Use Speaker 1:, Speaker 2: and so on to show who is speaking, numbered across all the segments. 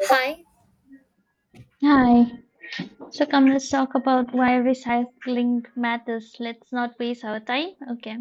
Speaker 1: Hi.
Speaker 2: Hi. So come, let's talk about why recycling matters. Let's not waste our time. Okay.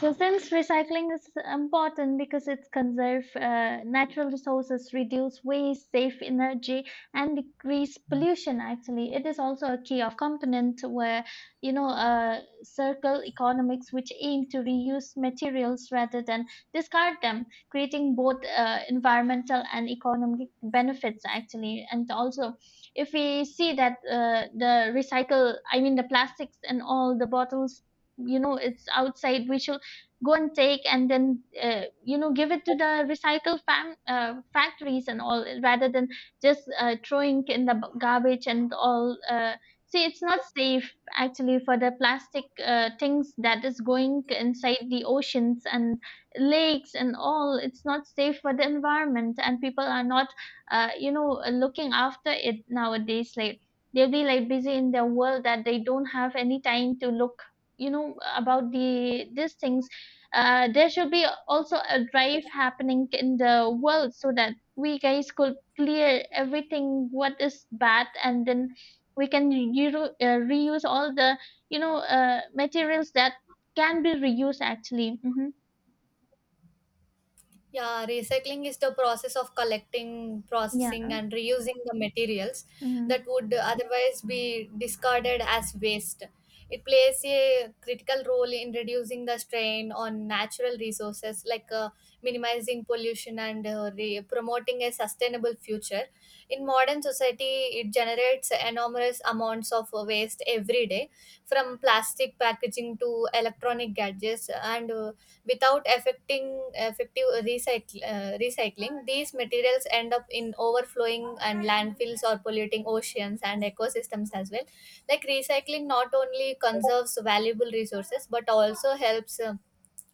Speaker 2: So since recycling is important because it conserves natural resources, reduce waste, save energy, and decrease pollution, actually, it is also a key of component where circle economics, which aim to reuse materials rather than discard them, creating both environmental and economic benefits actually. And also if we see that the recycle, I mean the plastics and all the bottles, you know, it's outside, we should go and take and then give it to the factories and all rather than just throwing in the garbage and all. See, it's not safe actually for the plastic things that is going inside the oceans and lakes and all. It's not safe for the environment and people are not looking after it nowadays. Like they'll be like busy in their world that they don't have any time to look, you know, about these things. There should be also a drive happening in the world so that we guys could clear everything what is bad, and then we can reuse all the materials that can be reused actually. Hmm.
Speaker 1: Yeah, recycling is the process of collecting,
Speaker 2: Yeah.
Speaker 1: processing, and reusing the materials that
Speaker 2: Hmm.
Speaker 1: would otherwise be discarded as waste. It plays a critical role in reducing the strain on natural resources, like minimizing pollution and promoting a sustainable future. In modern society, it generates enormous amounts of waste every day, from plastic packaging to electronic gadgets and without affecting effective recycling these materials end up in overflowing and landfills or polluting oceans and ecosystems as well. Like recycling not only conserves valuable resources but also helps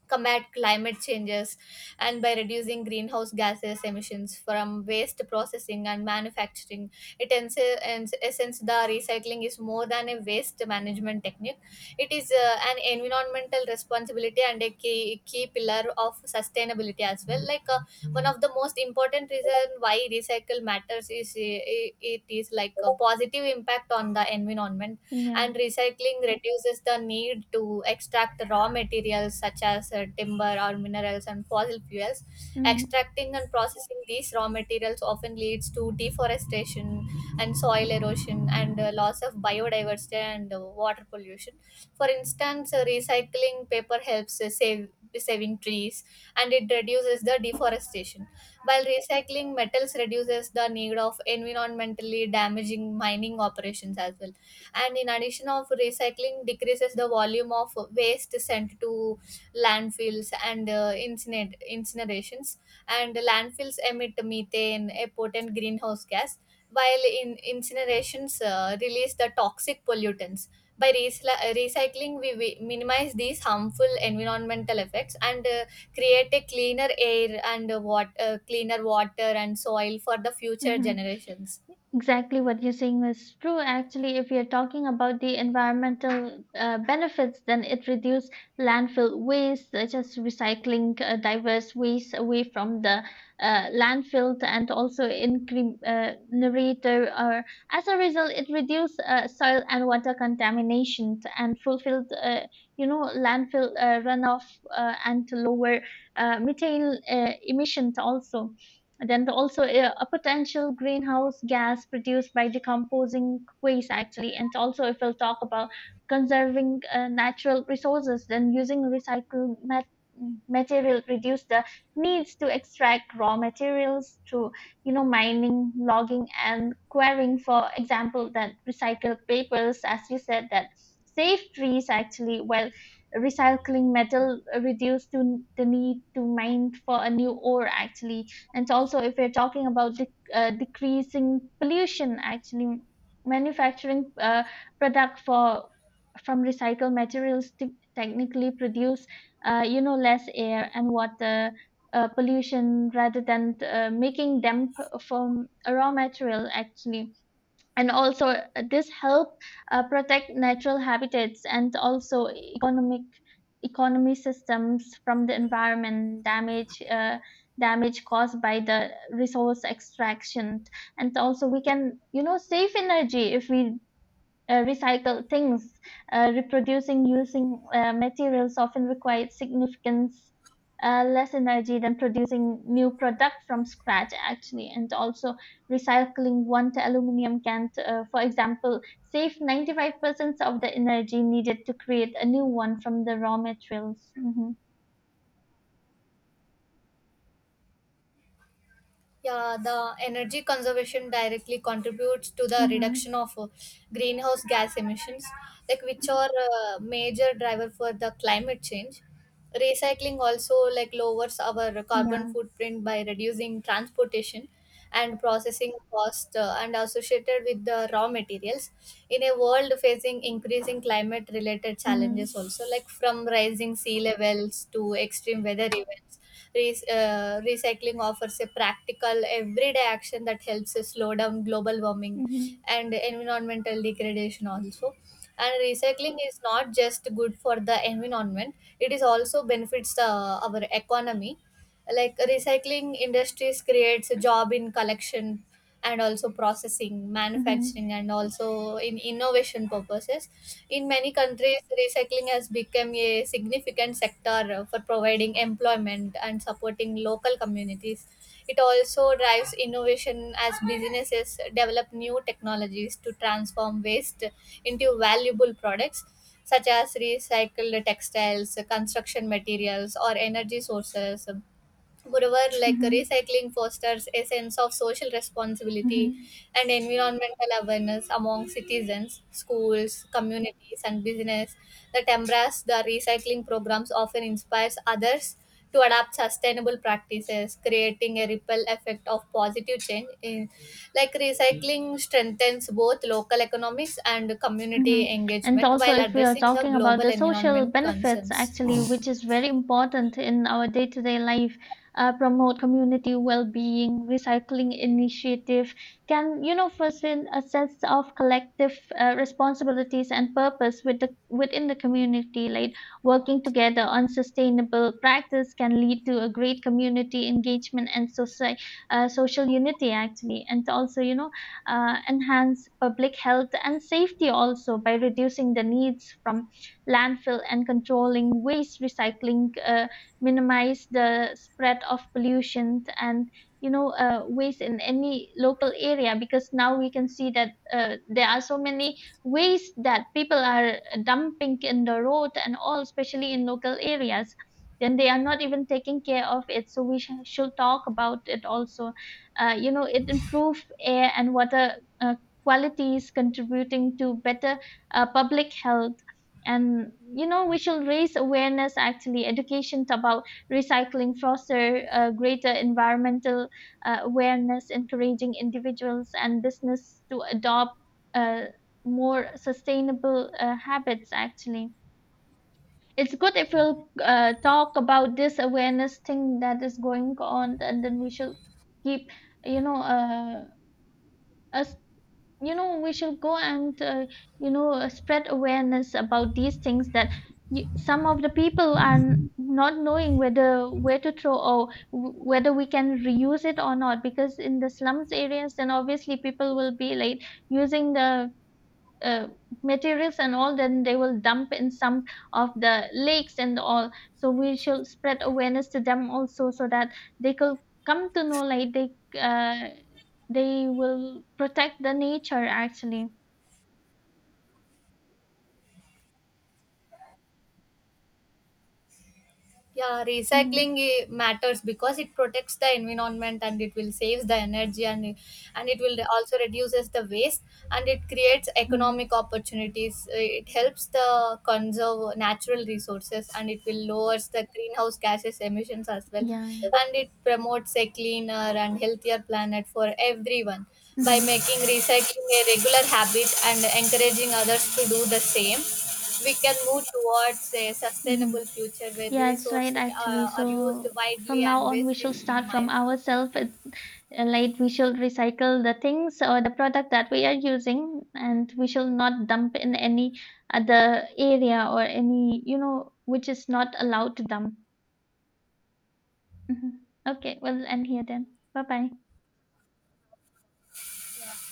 Speaker 1: combat climate changes, and by reducing greenhouse gases emissions from waste processing and manufacturing, it ends. In essence, the recycling is more than a waste management technique. It is an environmental responsibility and a key pillar of sustainability as well. Like one of the most important reason why recycle matters is it is like a positive impact on the environment,
Speaker 2: Yeah.
Speaker 1: and recycling reduces the need to extract raw materials such as timber or minerals and fossil fuels.
Speaker 2: Hmm.
Speaker 1: Extracting and processing these raw materials often leads to deforestation and soil erosion, and loss of biodiversity, and water pollution. For instance, recycling paper helps save saving trees, and it reduces the deforestation, while recycling metals reduces the need of environmentally damaging mining operations as well. And in addition of recycling decreases the volume of waste sent to landfills and incinerations. And landfills emit methane, a potent greenhouse gas, while in incinerations release the toxic pollutants. By recycling, we minimize these harmful environmental effects, and create a cleaner air, and cleaner water and soil for the future
Speaker 2: Hmm.
Speaker 1: generations.
Speaker 2: Exactly what you're saying is true. Actually, if you're talking about the environmental benefits, then it reduces landfill waste, such as recycling diverse waste away from the landfill, and also increase narrator. Or as a result, it reduces soil and water contamination and fulfilled, landfill runoff and lower methane emissions also. Also, a potential greenhouse gas produced by decomposing waste actually. And also if we'll talk about conserving natural resources, then using recycled material reduce the needs to extract raw materials through, you know, mining, logging and quarrying. For example, that recycled papers, as you said, that save trees actually, while recycling metal reduce to the need to mine for a new ore actually. And so also, if we're talking about decreasing pollution, actually manufacturing product for from recycled materials to technically produce, less air and water pollution rather than making them from a raw material actually. And also this help protect natural habitats and also economic economy systems from the environment damage, damage caused by the resource extraction. And also we can, you know, save energy if we recycle things. Reproducing using materials often requires significant less energy than producing new product from scratch actually. And also recycling one aluminum can, for example, save 95% of the energy needed to create a new one from the raw materials. Hmm.
Speaker 1: Yeah, the energy conservation directly contributes to the
Speaker 2: Hmm.
Speaker 1: reduction of greenhouse gas emissions, like which are a major driver for the climate change. Recycling also like lowers our carbon
Speaker 2: Yeah.
Speaker 1: footprint by reducing transportation and processing cost and associated with the raw materials in a world facing increasing climate related
Speaker 2: Hmm.
Speaker 1: challenges, also like from rising sea levels to extreme weather events. Recycling offers a practical, everyday action that helps us slow down global warming
Speaker 2: Hmm.
Speaker 1: and environmental degradation also. And recycling is not just good for the environment; it is also benefits our economy. Like recycling industries creates a job in collection and also processing
Speaker 2: Hmm.
Speaker 1: manufacturing and also in innovation purposes. In many countries, recycling has become a significant sector for providing employment and supporting local communities. It also drives innovation as businesses develop new technologies to transform waste into valuable products, such as recycled textiles, construction materials, or energy sources. Moreover, like
Speaker 2: Hmm.
Speaker 1: recycling fosters a sense of social responsibility
Speaker 2: Hmm.
Speaker 1: and environmental awareness among citizens, schools, communities, and business that embrace the recycling programs often inspires others to adopt sustainable practices, creating a ripple effect of positive change. In, like recycling strengthens both local economics and
Speaker 2: Mhm.
Speaker 1: community
Speaker 2: And
Speaker 1: engagement
Speaker 2: also,
Speaker 1: while
Speaker 2: if we are
Speaker 1: addressing the
Speaker 2: talking about
Speaker 1: global
Speaker 2: the social
Speaker 1: environment
Speaker 2: benefits,
Speaker 1: concerns.
Speaker 2: actually, which is very important in our day-to-day life, promote community well-being, recycling initiative can, you know, foresee a sense of collective responsibilities and purpose with the, within the community. Like working together on sustainable practice can lead to a great community engagement and social, social unity, actually. And also, you know, enhance public health and safety also by reducing the needs from landfill and controlling waste recycling, minimize the spread of pollution and, waste in any local area, because now we can see that there are so many waste that people are dumping in the road and all, especially in local areas. Then they are not even taking care of it, so we should talk about it also. You know, it improves air and water qualities contributing to better public health. And, you know, we should raise awareness actually, education about recycling foster greater environmental awareness, encouraging individuals and business to adopt uh, more sustainable habits actually. It's good if we'll talk about this awareness thing that is going on, and then we should keep, you know uh, us, you know, we should go and, spread awareness about these things, that some of the people are not knowing whether where to throw or whether we can reuse it or not, because in the slums areas then obviously people will be like using the uh, materials and all, then they will dump in some of the lakes and all. So we should spread awareness to them also so that they could come to know like they, uh, they will protect the nature actually.
Speaker 1: Yeah,
Speaker 2: Mm-hmm.
Speaker 1: recycling matters because it protects the environment, and it will save the energy, and it will also reduces the waste, and it creates
Speaker 2: Mm-hmm.
Speaker 1: economic opportunities. It helps the conserve natural resources, and it will lowers the greenhouse gases emissions as well,
Speaker 2: Yeah.
Speaker 1: and it promotes a cleaner and healthier planet for everyone. By
Speaker 2: Mm-hmm.
Speaker 1: making recycling a regular habit and encouraging others to do the same, we can move towards a
Speaker 2: Mm-hmm.
Speaker 1: sustainable future where
Speaker 2: Yeah, it's right
Speaker 1: resources
Speaker 2: actually.
Speaker 1: are used
Speaker 2: So
Speaker 1: widely
Speaker 2: from now
Speaker 1: and
Speaker 2: on, we
Speaker 1: waste is
Speaker 2: should start from
Speaker 1: minimized.
Speaker 2: ourselves. Like we should recycle the things or the product that we are using, and we should not dump in any other area or any, you know, which is not allowed to dump. Mhm. Okay, we'll end here then. Bye bye.